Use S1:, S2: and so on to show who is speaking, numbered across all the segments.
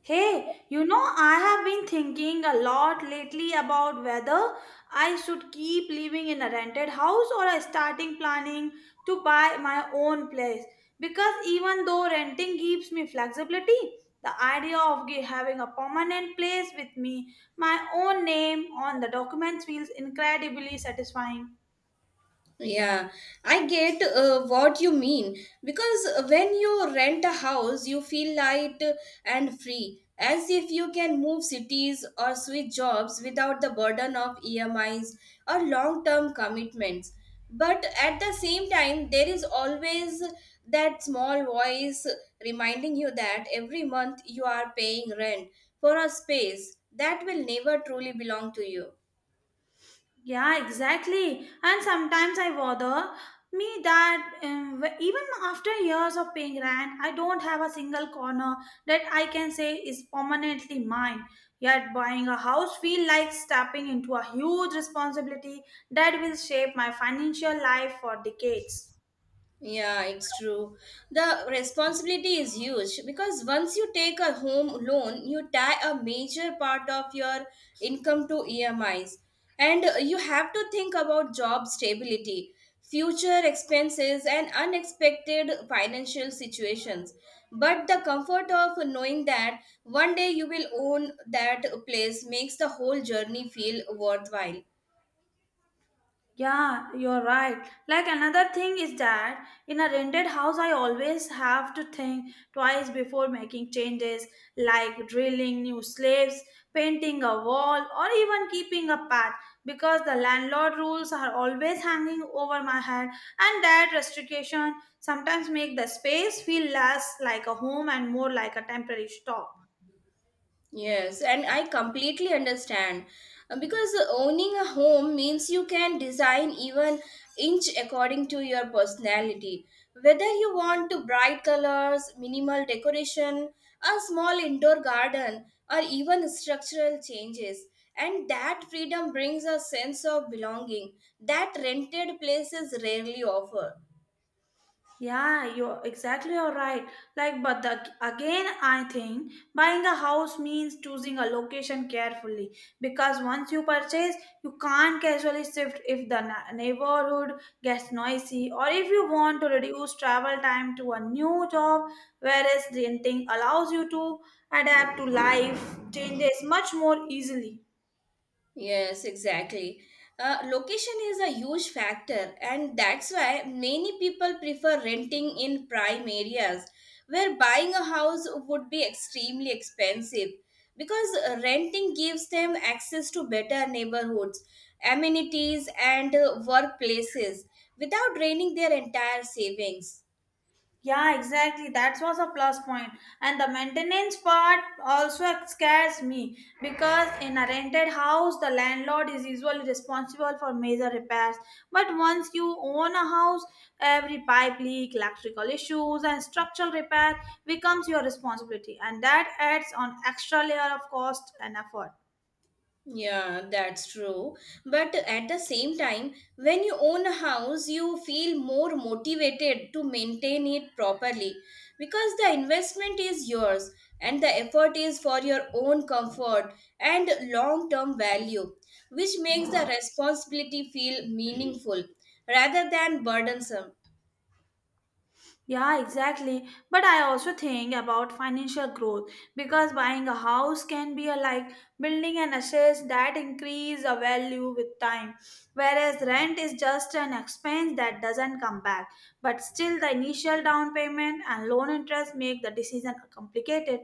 S1: Hey, you know, I have been thinking a lot lately about whether I should keep living in a rented house or I starting planning to buy my own place. Because even though renting gives me flexibility, the idea of having a permanent place with me, my own name on the documents feels incredibly satisfying.
S2: Yeah, I get what you mean because when you rent a house, you feel light and free, as if you can move cities or switch jobs without the burden of EMIs or long term commitments. But at the same time, there is always that small voice reminding you that every month you are paying rent for a space that will never truly belong to you.
S1: Yeah, exactly. And sometimes I bother me that even after years of paying rent, I don't have a single corner that I can say is permanently mine. Yet buying a house feel like stepping into a huge responsibility that will shape my financial life for decades.
S2: Yeah, it's true. The responsibility is huge because once you take a home loan, you tie a major part of your income to EMIs. And you have to think about job stability, future expenses, and unexpected financial situations. But the comfort of knowing that one day you will own that place makes the whole journey feel worthwhile.
S1: Yeah, you're right. Like another thing is that in a rented house, I always have to think twice before making changes like drilling new slates, painting a wall, or even keeping a path because the landlord rules are always hanging over my head, and that restriction sometimes make the space feel less like a home and more like a temporary stop.
S2: Yes, and I completely understand, because owning a home means you can design even inch according to your personality. Whether you want to bright colors, minimal decoration, a small indoor garden, or even structural changes. And that freedom brings a sense of belonging that rented places rarely offer.
S1: Yeah, you're right. Like, but again, I think buying a house means choosing a location carefully because once you purchase, you can't casually shift if the neighborhood gets noisy or if you want to reduce travel time to a new job, whereas renting allows you to adapt to life changes much more easily.
S2: Yes, exactly. Location is a huge factor, and that's why many people prefer renting in prime areas where buying a house would be extremely expensive because renting gives them access to better neighborhoods, amenities, and workplaces without draining their entire savings.
S1: Yeah, exactly. That was a plus point. And the maintenance part also scares me because in a rented house, the landlord is usually responsible for major repairs. But once you own a house, every pipe leak, electrical issues, and structural repair becomes your responsibility, and that adds on extra layer of cost and effort.
S2: Yeah, that's true. But at the same time, when you own a house, you feel more motivated to maintain it properly because the investment is yours and the effort is for your own comfort and long term value, which makes the responsibility feel meaningful rather than burdensome.
S1: Yeah, exactly. But I also think about financial growth because buying a house can be a, like building an assets that increase a value with time, whereas rent is just an expense that doesn't come back. But still, the initial down payment and loan interest make the decision complicated.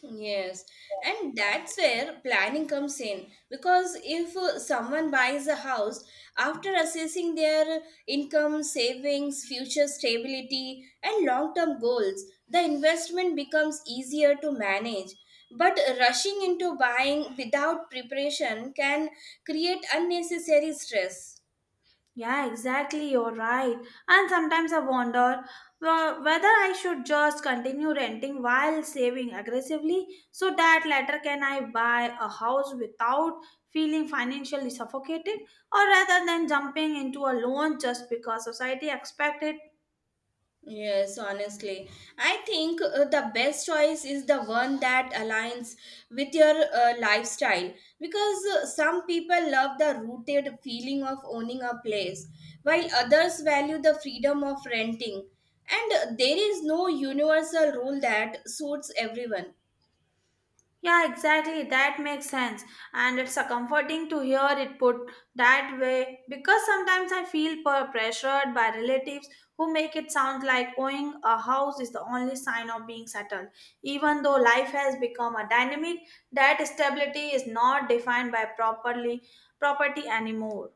S2: Yes, and that's where planning comes in because if someone buys a house after assessing their income, savings, future stability, and long term goals, the investment becomes easier to manage. But rushing into buying without preparation can create unnecessary stress.
S1: Yeah, exactly. You're right. And sometimes I wonder whether I should just continue renting while saving aggressively so that later can I buy a house without feeling financially suffocated or rather than jumping into a loan just because society expects it.
S2: Yes, honestly, I think the best choice is the one that aligns with your lifestyle because some people love the rooted feeling of owning a place while others value the freedom of renting. And there is no universal rule that suits everyone.
S1: Yeah, exactly. That makes sense. And it's a comforting to hear it put that way because sometimes I feel pressured by relatives who make it sound like owning a house is the only sign of being settled. Even though life has become a dynamic, that stability is not defined by properly property anymore.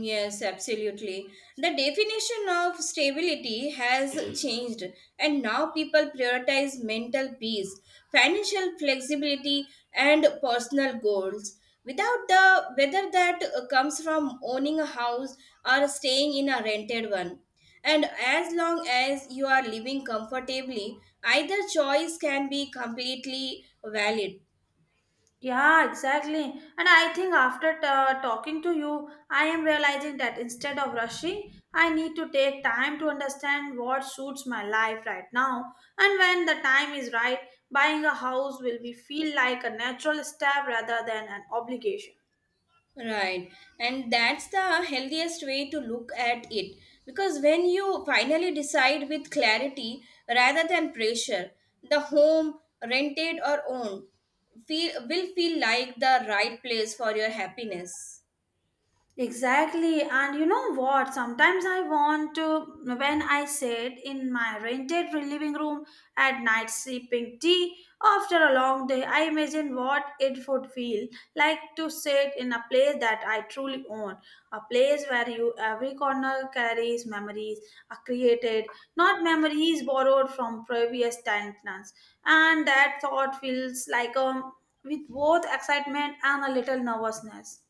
S2: Yes, absolutely. The definition of stability has changed, and now people prioritize mental peace, financial flexibility, and personal goals, without the whether that comes from owning a house or staying in a rented one. And as long as you are living comfortably, either choice can be completely valid.
S1: Yeah, exactly. And I think after talking to you, I am realizing that instead of rushing, I need to take time to understand what suits my life right now. And when the time is right, buying a house will be feel like a natural step rather than an obligation.
S2: Right. And that's the healthiest way to look at it. Because when you finally decide with clarity rather than pressure, the home, rented or owned, will feel like the right place for your happiness.
S1: Exactly. And you know what? Sometimes I want to, when I sit in my rented living room at night sipping tea after a long day, I imagine what it would feel like to sit in a place that I truly own. A place where you every corner carries memories are created, not memories borrowed from previous tenants. And that thought feels like with both excitement and a little nervousness.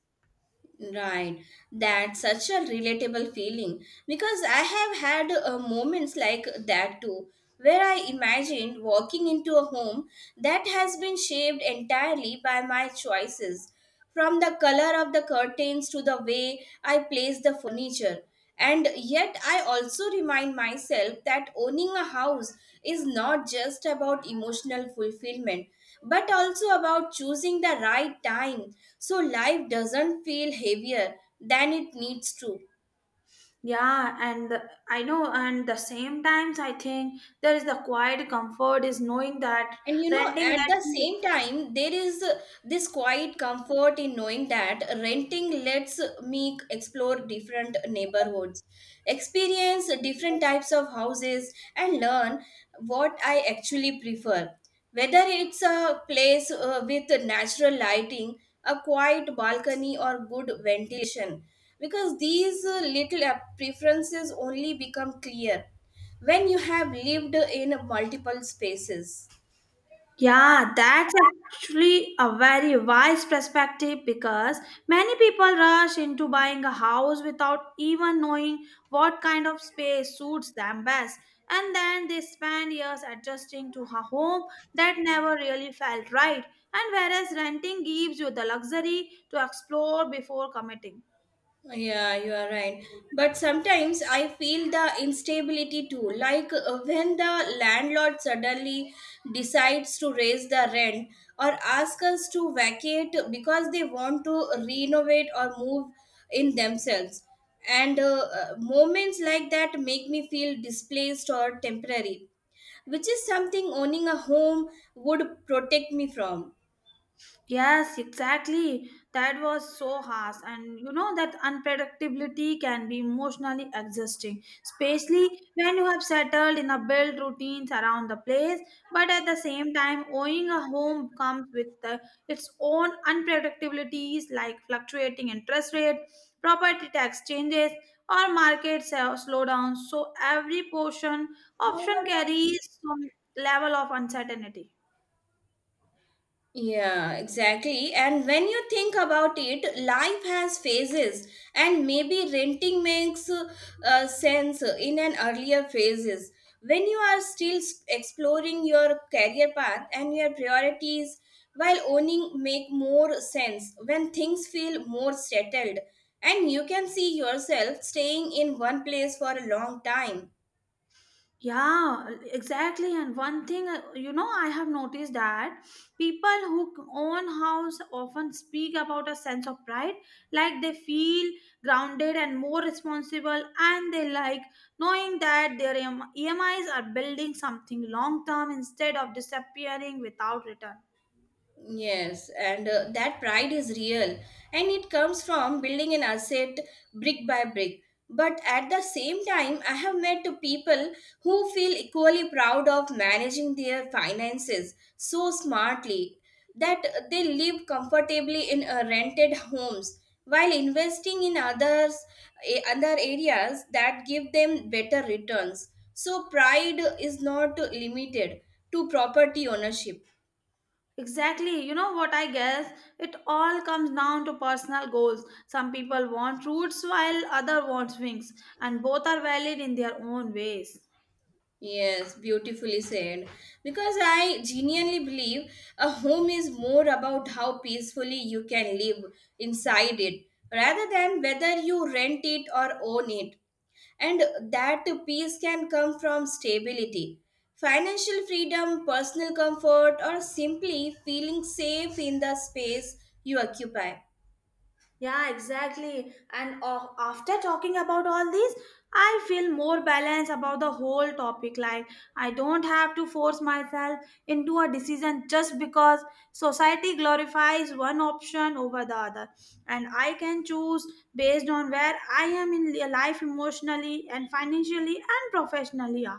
S2: Right. That's such a relatable feeling. Because I have had moments like that too, where I imagined walking into a home that has been shaped entirely by my choices, from the color of the curtains to the way I place the furniture. And yet, I also remind myself that owning a house is not just about emotional fulfillment, but also about choosing the right time so life doesn't feel heavier than it needs to.
S1: Yeah, and the, I know, and the same times I think there is the quiet comfort is knowing that
S2: And you know,
S1: renting
S2: at
S1: lets
S2: the
S1: me.
S2: same time, there is this quiet comfort in knowing that renting lets me explore different neighborhoods, experience different types of houses, and learn what I actually prefer, whether it's a place with natural lighting, a quiet balcony, or good ventilation, because these little preferences only become clear when you have lived in multiple spaces.
S1: Yeah, that's actually a very wise perspective because many people rush into buying a house without even knowing what kind of space suits them best, and then they spend years adjusting to a home that never really felt right. And whereas renting gives you the luxury to explore before committing.
S2: Yeah, you are right. But sometimes I feel the instability too. Like when the landlord suddenly decides to raise the rent or ask us to vacate because they want to renovate or move in themselves. And moments like that make me feel displaced or temporary, which is something owning a home would protect me from.
S1: Yes, exactly. That was so harsh. And you know that unpredictability can be emotionally exhausting, especially when you have settled in a build routines around the place. But at the same time, owning a home comes with its own unpredictabilities like fluctuating interest rate, property tax changes, or market slowdowns. So every portion option carries some level of uncertainty.
S2: Yeah, exactly. And when you think about it, life has phases, and maybe renting makes sense in an earlier phases when you are still exploring your career path and your priorities. While owning make more sense when things feel more settled, and you can see yourself staying in one place for a long time.
S1: Yeah, exactly. And one thing, you know, I have noticed that people who own house often speak about a sense of pride, like they feel grounded and more responsible, and they like knowing that their EMIs are building something long term instead of disappearing without return.
S2: Yes, and that pride is real and it comes from building an asset brick by brick. But at the same time, I have met to people who feel equally proud of managing their finances so smartly that they live comfortably in rented homes while investing in other areas that give them better returns. So pride is not limited to property ownership.
S1: Exactly. You know what I guess? It all comes down to personal goals. Some people want roots while other want wings, and both are valid in their own ways.
S2: Yes, beautifully said. Because I genuinely believe a home is more about how peacefully you can live inside it rather than whether you rent it or own it. And that peace can come from stability, financial freedom, personal comfort, or simply feeling safe in the space you occupy.
S1: Yeah, exactly. And after talking about all these, I feel more balanced about the whole topic. Like, I don't have to force myself into a decision just because society glorifies one option over the other. And I can choose based on where I am in life emotionally and financially and professionally. Yeah.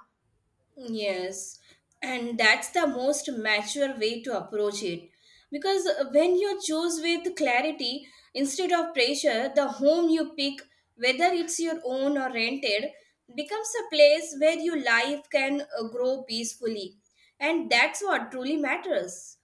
S2: Yes, and that's the most mature way to approach it. Because when you choose with clarity instead of pressure, the home you pick, whether it's your own or rented, becomes a place where your life can grow peacefully. And that's what truly matters.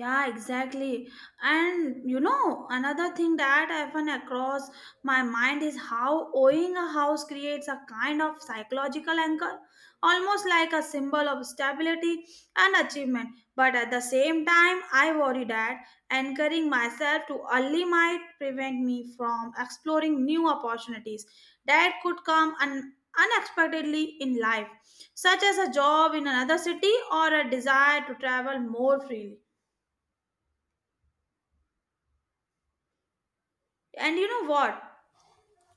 S1: Yeah, exactly. And you know, another thing that often across my mind is how owning a house creates a kind of psychological anchor, almost like a symbol of stability and achievement. But at the same time, I worry that anchoring myself too early might prevent me from exploring new opportunities that could come unexpectedly in life, such as a job in another city or a desire to travel more freely. And you know what,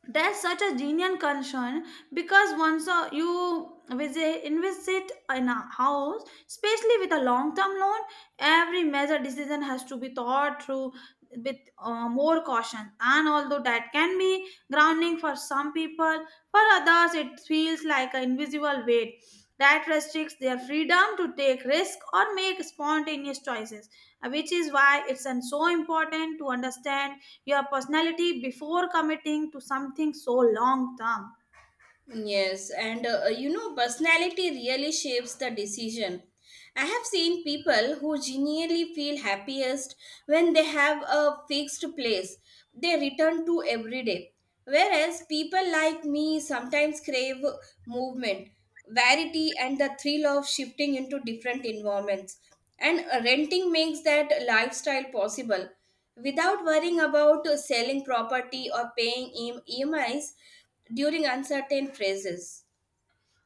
S1: that's such a genuine concern because once you visit invested in a house, especially with a long term loan, every major decision has to be thought through with more caution. And although that can be grounding for some people, for others it feels like an invisible weight that restricts their freedom to take risk or make spontaneous choices, which is why it's so important to understand your personality before committing to something so long term.
S2: Yes, and personality really shapes the decision. I have seen people who genuinely feel happiest when they have a fixed place they return to every day. Whereas people like me sometimes crave movement, variety, and the thrill of shifting into different environments. And renting makes that lifestyle possible without worrying about selling property or paying EMIs during uncertain phases.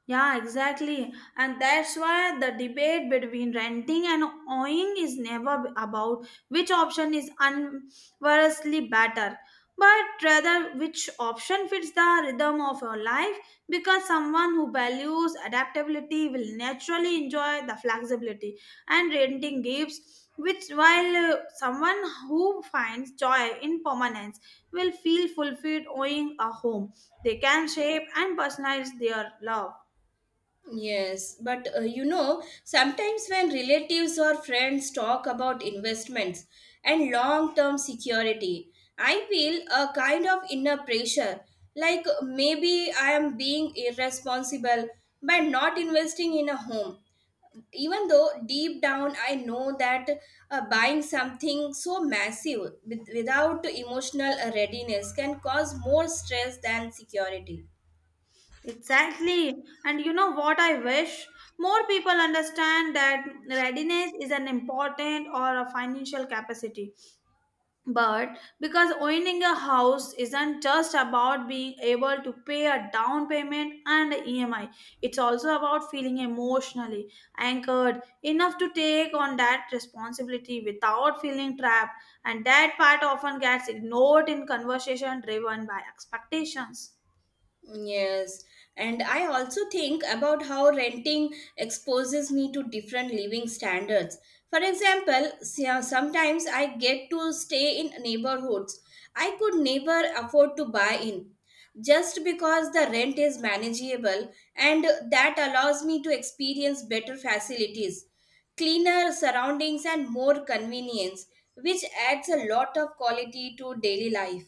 S1: Yeah, exactly. And that's why the debate between renting and owning is never about which option is unversely better, but rather which option fits the rhythm of your life because someone who values adaptability will naturally enjoy the flexibility and renting gives which while someone who finds joy in permanence will feel fulfilled owning a home they can shape and personalize their love.
S2: Yes, but sometimes when relatives or friends talk about investments and long term security, I feel a kind of inner pressure like maybe I am being irresponsible by not investing in a home, even though deep down I know that buying something so massive without emotional readiness can cause more stress than security.
S1: Exactly. And you know what I wish? More people understand that readiness is an important or a financial capacity. But because owning a house isn't just about being able to pay a down payment and a EMI, it's also about feeling emotionally anchored enough to take on that responsibility without feeling trapped. And that part often gets ignored in conversation driven by expectations.
S2: Yes, and I also think about how renting exposes me to different living standards. For example, sometimes I get to stay in neighborhoods I could never afford to buy in, just because the rent is manageable, and that allows me to experience better facilities, cleaner surroundings, and more convenience, which adds a lot of quality to daily life.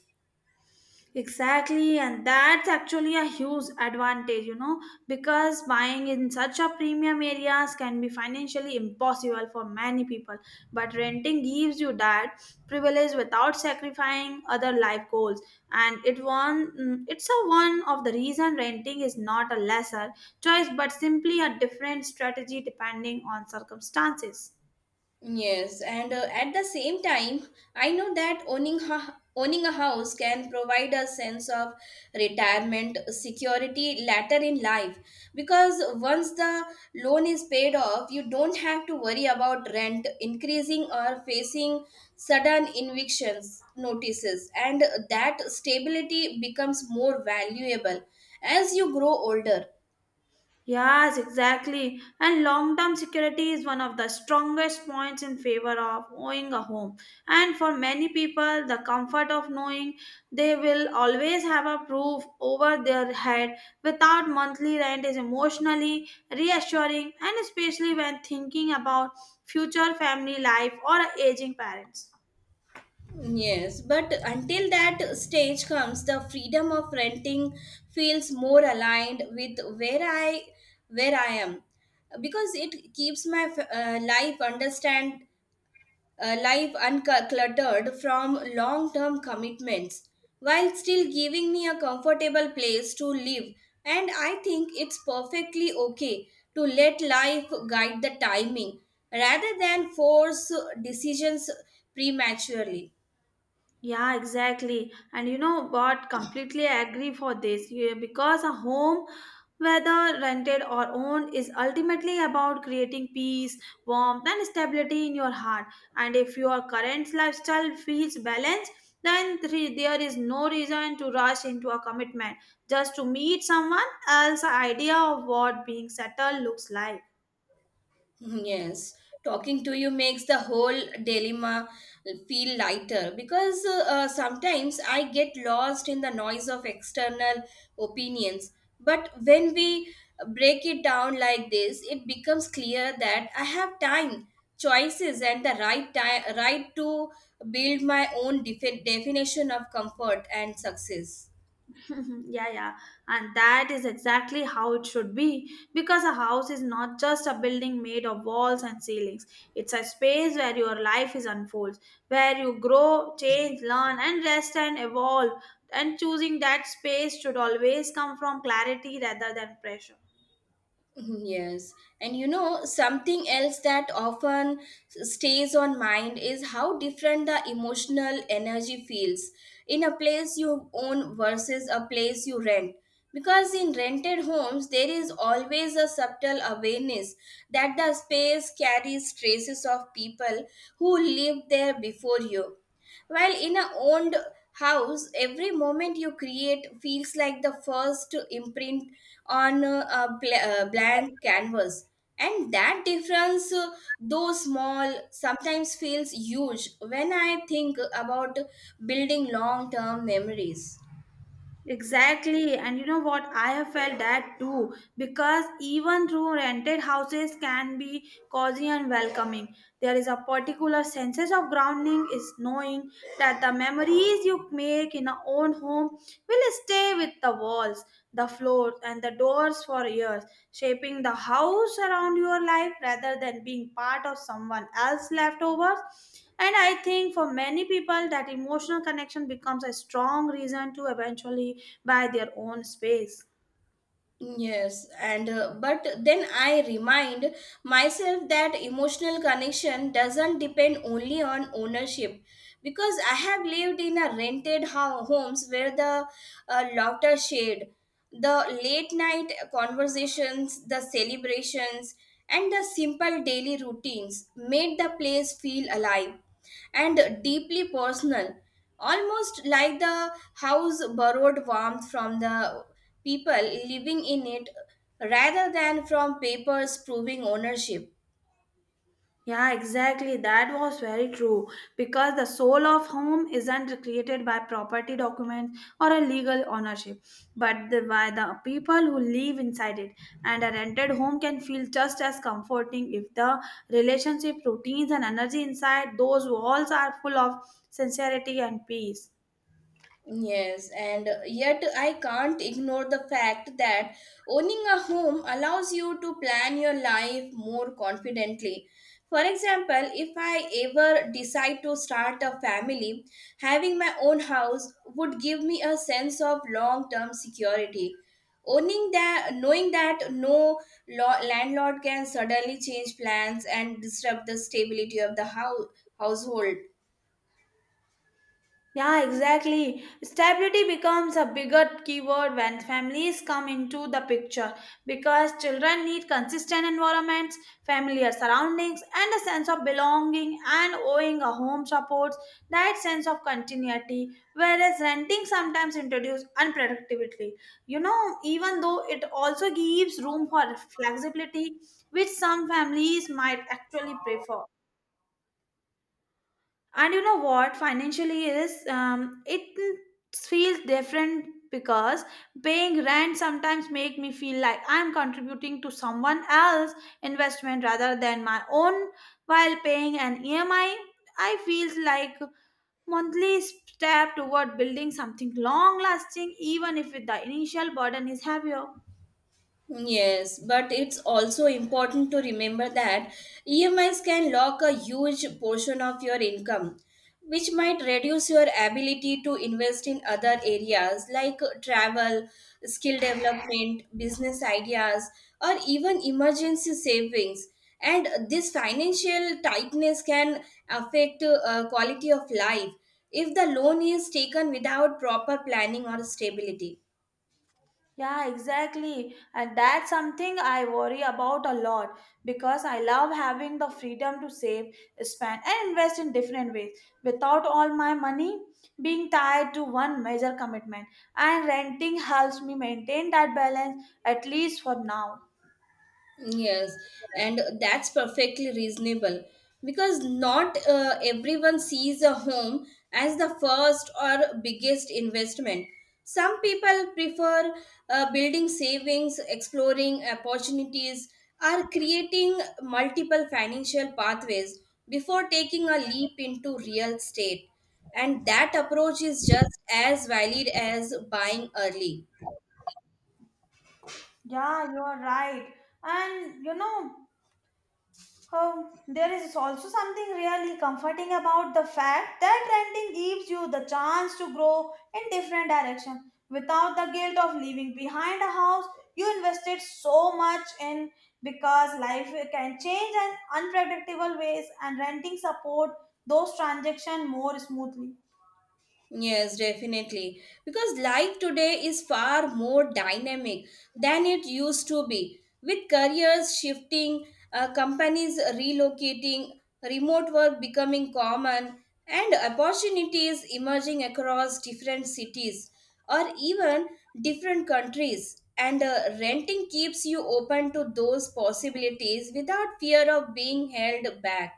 S1: Exactly, and that's actually a huge advantage, you know, because buying in such a premium areas can be financially impossible for many people. But renting gives you that privilege without sacrificing other life goals, and it's a one of the reason renting is not a lesser choice, but simply a different strategy depending on circumstances.
S2: Yes, and at the same time, I know that owning a house can provide a sense of retirement security later in life, because once the loan is paid off, you don't have to worry about rent increasing or facing sudden evictions notices, and that stability becomes more valuable as you grow older.
S1: Yes, exactly. And long term security is one of the strongest points in favor of owning a home. And for many people, the comfort of knowing they will always have a roof over their head without monthly rent is emotionally reassuring, and especially when thinking about future family life or aging parents.
S2: Yes, but until that stage comes, the freedom of renting feels more aligned with where I am, because it keeps my uh, life understand life uncluttered from long term commitments, while still giving me a comfortable place to live. And I think it's perfectly okay to let life guide the timing rather than force decisions prematurely.
S1: Yeah, exactly. And you know what? Completely agree for this. Yeah, because a home, whether rented or owned, is ultimately about creating peace, warmth, and stability in your heart. And if your current lifestyle feels balanced, then there is no reason to rush into a commitment just to meet someone else's idea of what being settled looks like.
S2: Yes, talking to you makes the whole dilemma feel lighter because sometimes I get lost in the noise of external opinions. But when we break it down like this, it becomes clear that I have time, choices, and the right time, right to build my own definition of comfort and success.
S1: Yeah, yeah, and that is exactly how it should be because a house is not just a building made of walls and ceilings. It's a space where your life is unfolds, where you grow, change, learn, and rest and evolve. And choosing that space should always come from clarity rather than pressure.
S2: Mm-hmm. Yes, and you know, something else that often stays on mind is how different the emotional energy feels in a place you own versus a place you rent. Because in rented homes, there is always a subtle awareness that the space carries traces of people who lived there before you, while in a owned house, every moment you create feels like the first imprint on a blank canvas. And that difference, though small, sometimes feels huge when I think about building long term memories.
S1: Exactly, and you know what? I have felt that too because even though rented houses can be cozy and welcoming, there is a particular sense of grounding is knowing that the memories you make in your own home will stay with the walls, the floors, and the doors for years shaping the house around your life rather than being part of someone else's leftovers. And I think for many people, that emotional connection becomes a strong reason to eventually buy their own space.
S2: Yes, and but then I remind myself that emotional connection doesn't depend only on ownership, because I have lived in a rented homes where the laughter shared, the late night conversations, the celebrations, and the simple daily routines made the place feel alive and deeply personal, almost like the house borrowed warmth from the people living in it rather than from papers proving ownership.
S1: Yeah, exactly. That was very true. Because the soul of home isn't created by property documents or a legal ownership, but by the people who live inside it. And a rented home can feel just as comforting if the relationship, routines, and energy inside those walls are full of sincerity and peace.
S2: Yes, and yet I can't ignore the fact that owning a home allows you to plan your life more confidently. For example, if I ever decide to start a family, having my own house would give me a sense of long term security. Owning that, knowing that no landlord can suddenly change plans and disrupt the stability of the household.
S1: Yeah, exactly. Stability becomes a bigger keyword when families come into the picture because children need consistent environments, familiar surroundings, and a sense of belonging and owing a home supports that sense of continuity, whereas renting sometimes introduces unpredictability. You know, even though it also gives room for flexibility, which some families might actually prefer. And you know what, financially is it feels different because paying rent sometimes make me feel like I'm contributing to someone else investment rather than my own, while paying an EMI I feels like monthly step toward building something long lasting, even if the initial burden is heavier.
S2: Yes, but it's also important to remember that EMIs can lock a huge portion of your income, which might reduce your ability to invest in other areas like travel, skill development, business ideas, or even emergency savings. And this financial tightness can affect quality of life if the loan is taken without proper planning or stability.
S1: Yeah, exactly. And that's something I worry about a lot because I love having the freedom to save, spend, and invest in different ways without all my money being tied to one major commitment. And renting helps me maintain that balance, at least for now.
S2: Yes, and that's perfectly reasonable because not everyone sees a home as the first or biggest investment. Some people prefer building savings, exploring opportunities, or creating multiple financial pathways before taking a leap into real estate. And that approach is just as valid as buying early.
S1: Yeah, you're right. And you know, there is also something really comforting about the fact that renting gives you the chance to grow in different directions without the guilt of leaving behind a house you invested so much in, because life can change in unpredictable ways and renting support those transactions more smoothly.
S2: Yes, definitely. Because life today is far more dynamic than it used to be, with careers shifting, companies relocating, remote work becoming common, and opportunities emerging across different cities or even different countries. And renting keeps you open to those possibilities without fear of being held back.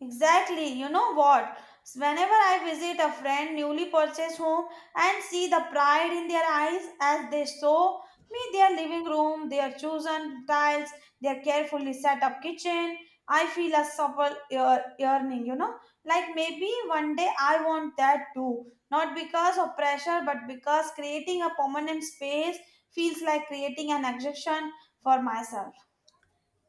S1: Exactly. You know what? Whenever I visit a friend newly purchased home and see the pride in their eyes as they show me their living room, their chosen tiles, their carefully set up kitchen, I feel a supple yearning, you know, like maybe one day I want that too. Not because of pressure, but because creating a permanent space feels like creating an exception for myself.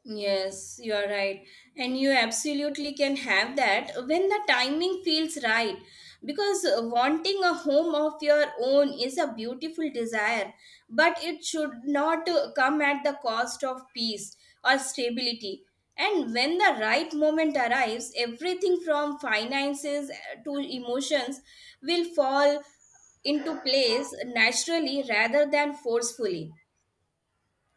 S2: Yes, you are right. And you absolutely can have that when the timing feels right. Because wanting a home of your own is a beautiful desire, but it should not come at the cost of peace or stability. And when the right moment arrives, everything from finances to emotions will fall into place naturally rather than forcefully.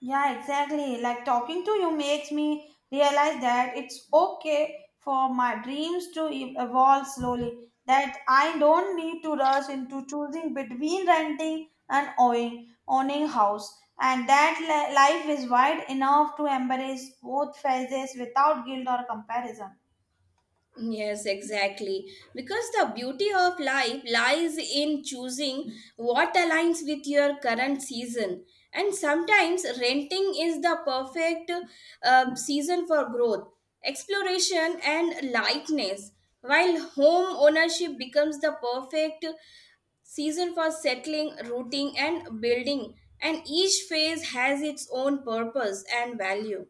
S1: Yeah, exactly. Like talking to you makes me realize that it's okay for my dreams to evolve slowly, that I don't need to rush into choosing between renting and owning house, and that life is wide enough to embrace both phases without guilt or comparison.
S2: Yes, exactly. Because the beauty of life lies in choosing what aligns with your current season. And sometimes renting is the perfect season for growth, exploration, and lightness, while home ownership becomes the perfect season for settling, rooting, and building. And each phase has its own purpose and value.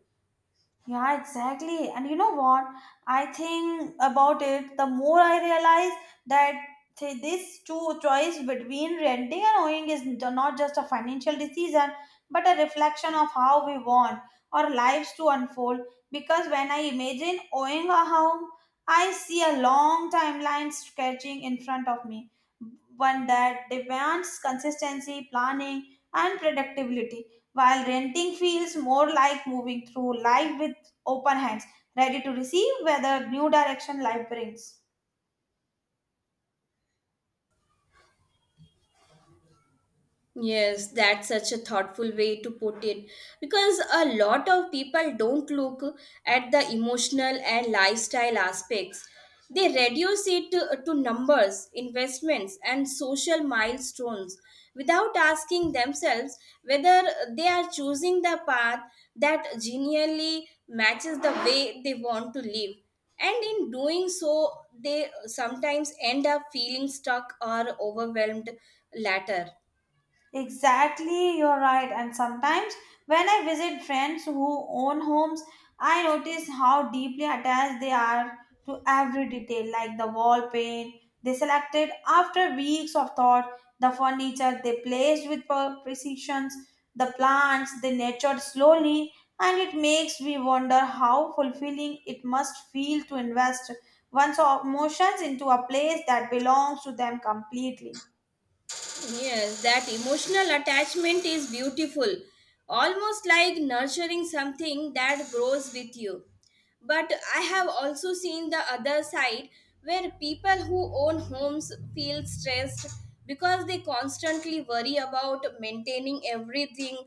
S1: Yeah, exactly. And you know what? I think about it, the more I realize that this two choice between renting and owning is not just a financial decision, but a reflection of how we want our lives to unfold. Because when I imagine owning a home, I see a long timeline stretching in front of me, one that demands consistency, planning, and predictability, while renting feels more like moving through life with open hands, ready to receive where the new direction life brings.
S2: Yes, that's such a thoughtful way to put it, because a lot of people don't look at the emotional and lifestyle aspects. They reduce it to numbers, investments, and social milestones without asking themselves whether they are choosing the path that genuinely matches the way they want to live. And in doing so, they sometimes end up feeling stuck or overwhelmed later.
S1: Exactly, you're right. And sometimes when I visit friends who own homes, I notice how deeply attached they are to every detail, like the wall paint they selected after weeks of thought, the furniture they placed with precision, the plants they nurtured slowly, and it makes me wonder how fulfilling it must feel to invest one's emotions into a place that belongs to them completely.
S2: Yes, that emotional attachment is beautiful, almost like nurturing something that grows with you. But I have also seen the other side, where people who own homes feel stressed because they constantly worry about maintaining everything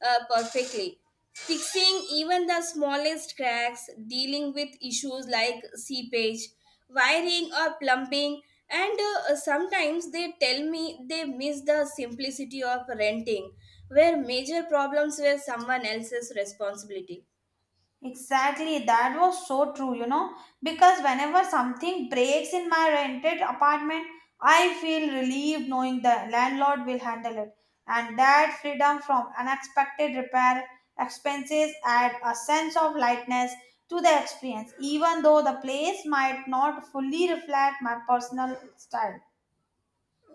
S2: perfectly, fixing even the smallest cracks, dealing with issues like seepage, wiring, or plumbing. And sometimes they tell me they miss the simplicity of renting, where major problems were someone else's responsibility.
S1: Exactly, that was so true, you know, because whenever something breaks in my rented apartment, I feel relieved knowing the landlord will handle it. And that freedom from unexpected repair expenses add a sense of lightness to the experience, even though the place might not fully reflect my personal style.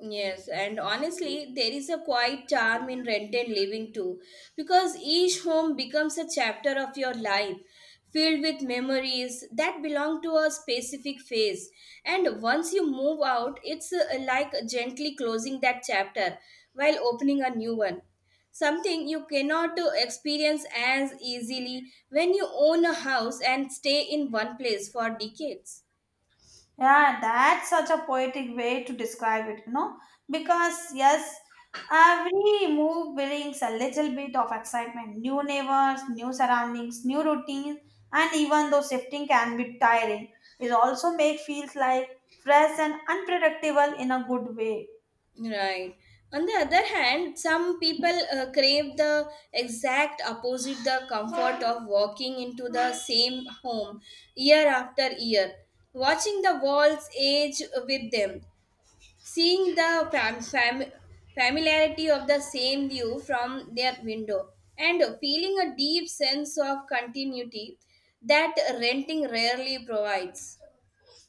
S2: Yes, and honestly, there is a quiet charm in rent living too, because each home becomes a chapter of your life, filled with memories that belong to a specific phase. And once you move out, it's like gently closing that chapter while opening a new one. Something you cannot experience as easily when you own a house and stay in one place for decades.
S1: Yeah, that's such a poetic way to describe it, you know, because yes, every move brings a little bit of excitement, new neighbors, new surroundings, new routines, and even though shifting can be tiring, it also makes feels like fresh and unpredictable in a good way.
S2: Right. On the other hand, some people crave the exact opposite, the comfort of walking into the same home year after year, watching the walls age with them, seeing the familiarity of the same view from their window, and feeling a deep sense of continuity that renting rarely provides.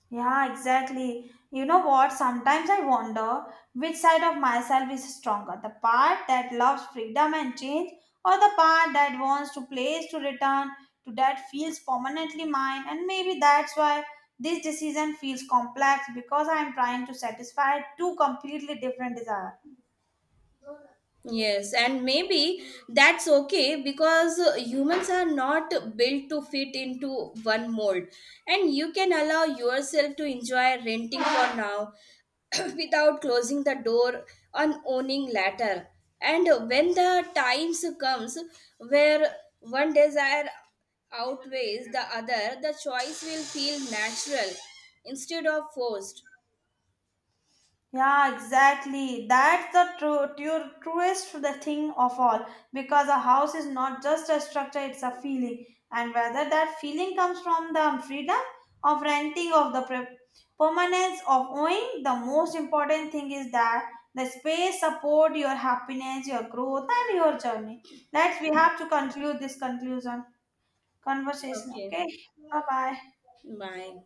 S1: Yeah, exactly. You know what? Sometimes I wonder which side of myself is stronger, the part that loves freedom and change, or the part that wants to place to return to that feels permanently mine. And maybe that's why this decision feels complex, because I'm trying to satisfy two completely different desires.
S2: Yes, and maybe that's okay because humans are not built to fit into one mold, and you can allow yourself to enjoy renting for now without closing the door on owning later. And when the times comes where one desire outweighs the other, the choice will feel natural instead of forced.
S1: Yeah, exactly. That's the truest the thing of all. Because a house is not just a structure, it's a feeling. And whether that feeling comes from the freedom of renting, of the permanence of owning, the most important thing is that the space support your happiness, your growth, and your journey. Let's we have to conclude this conclusion conversation.
S2: Okay,
S1: Okay, bye bye.
S2: bye.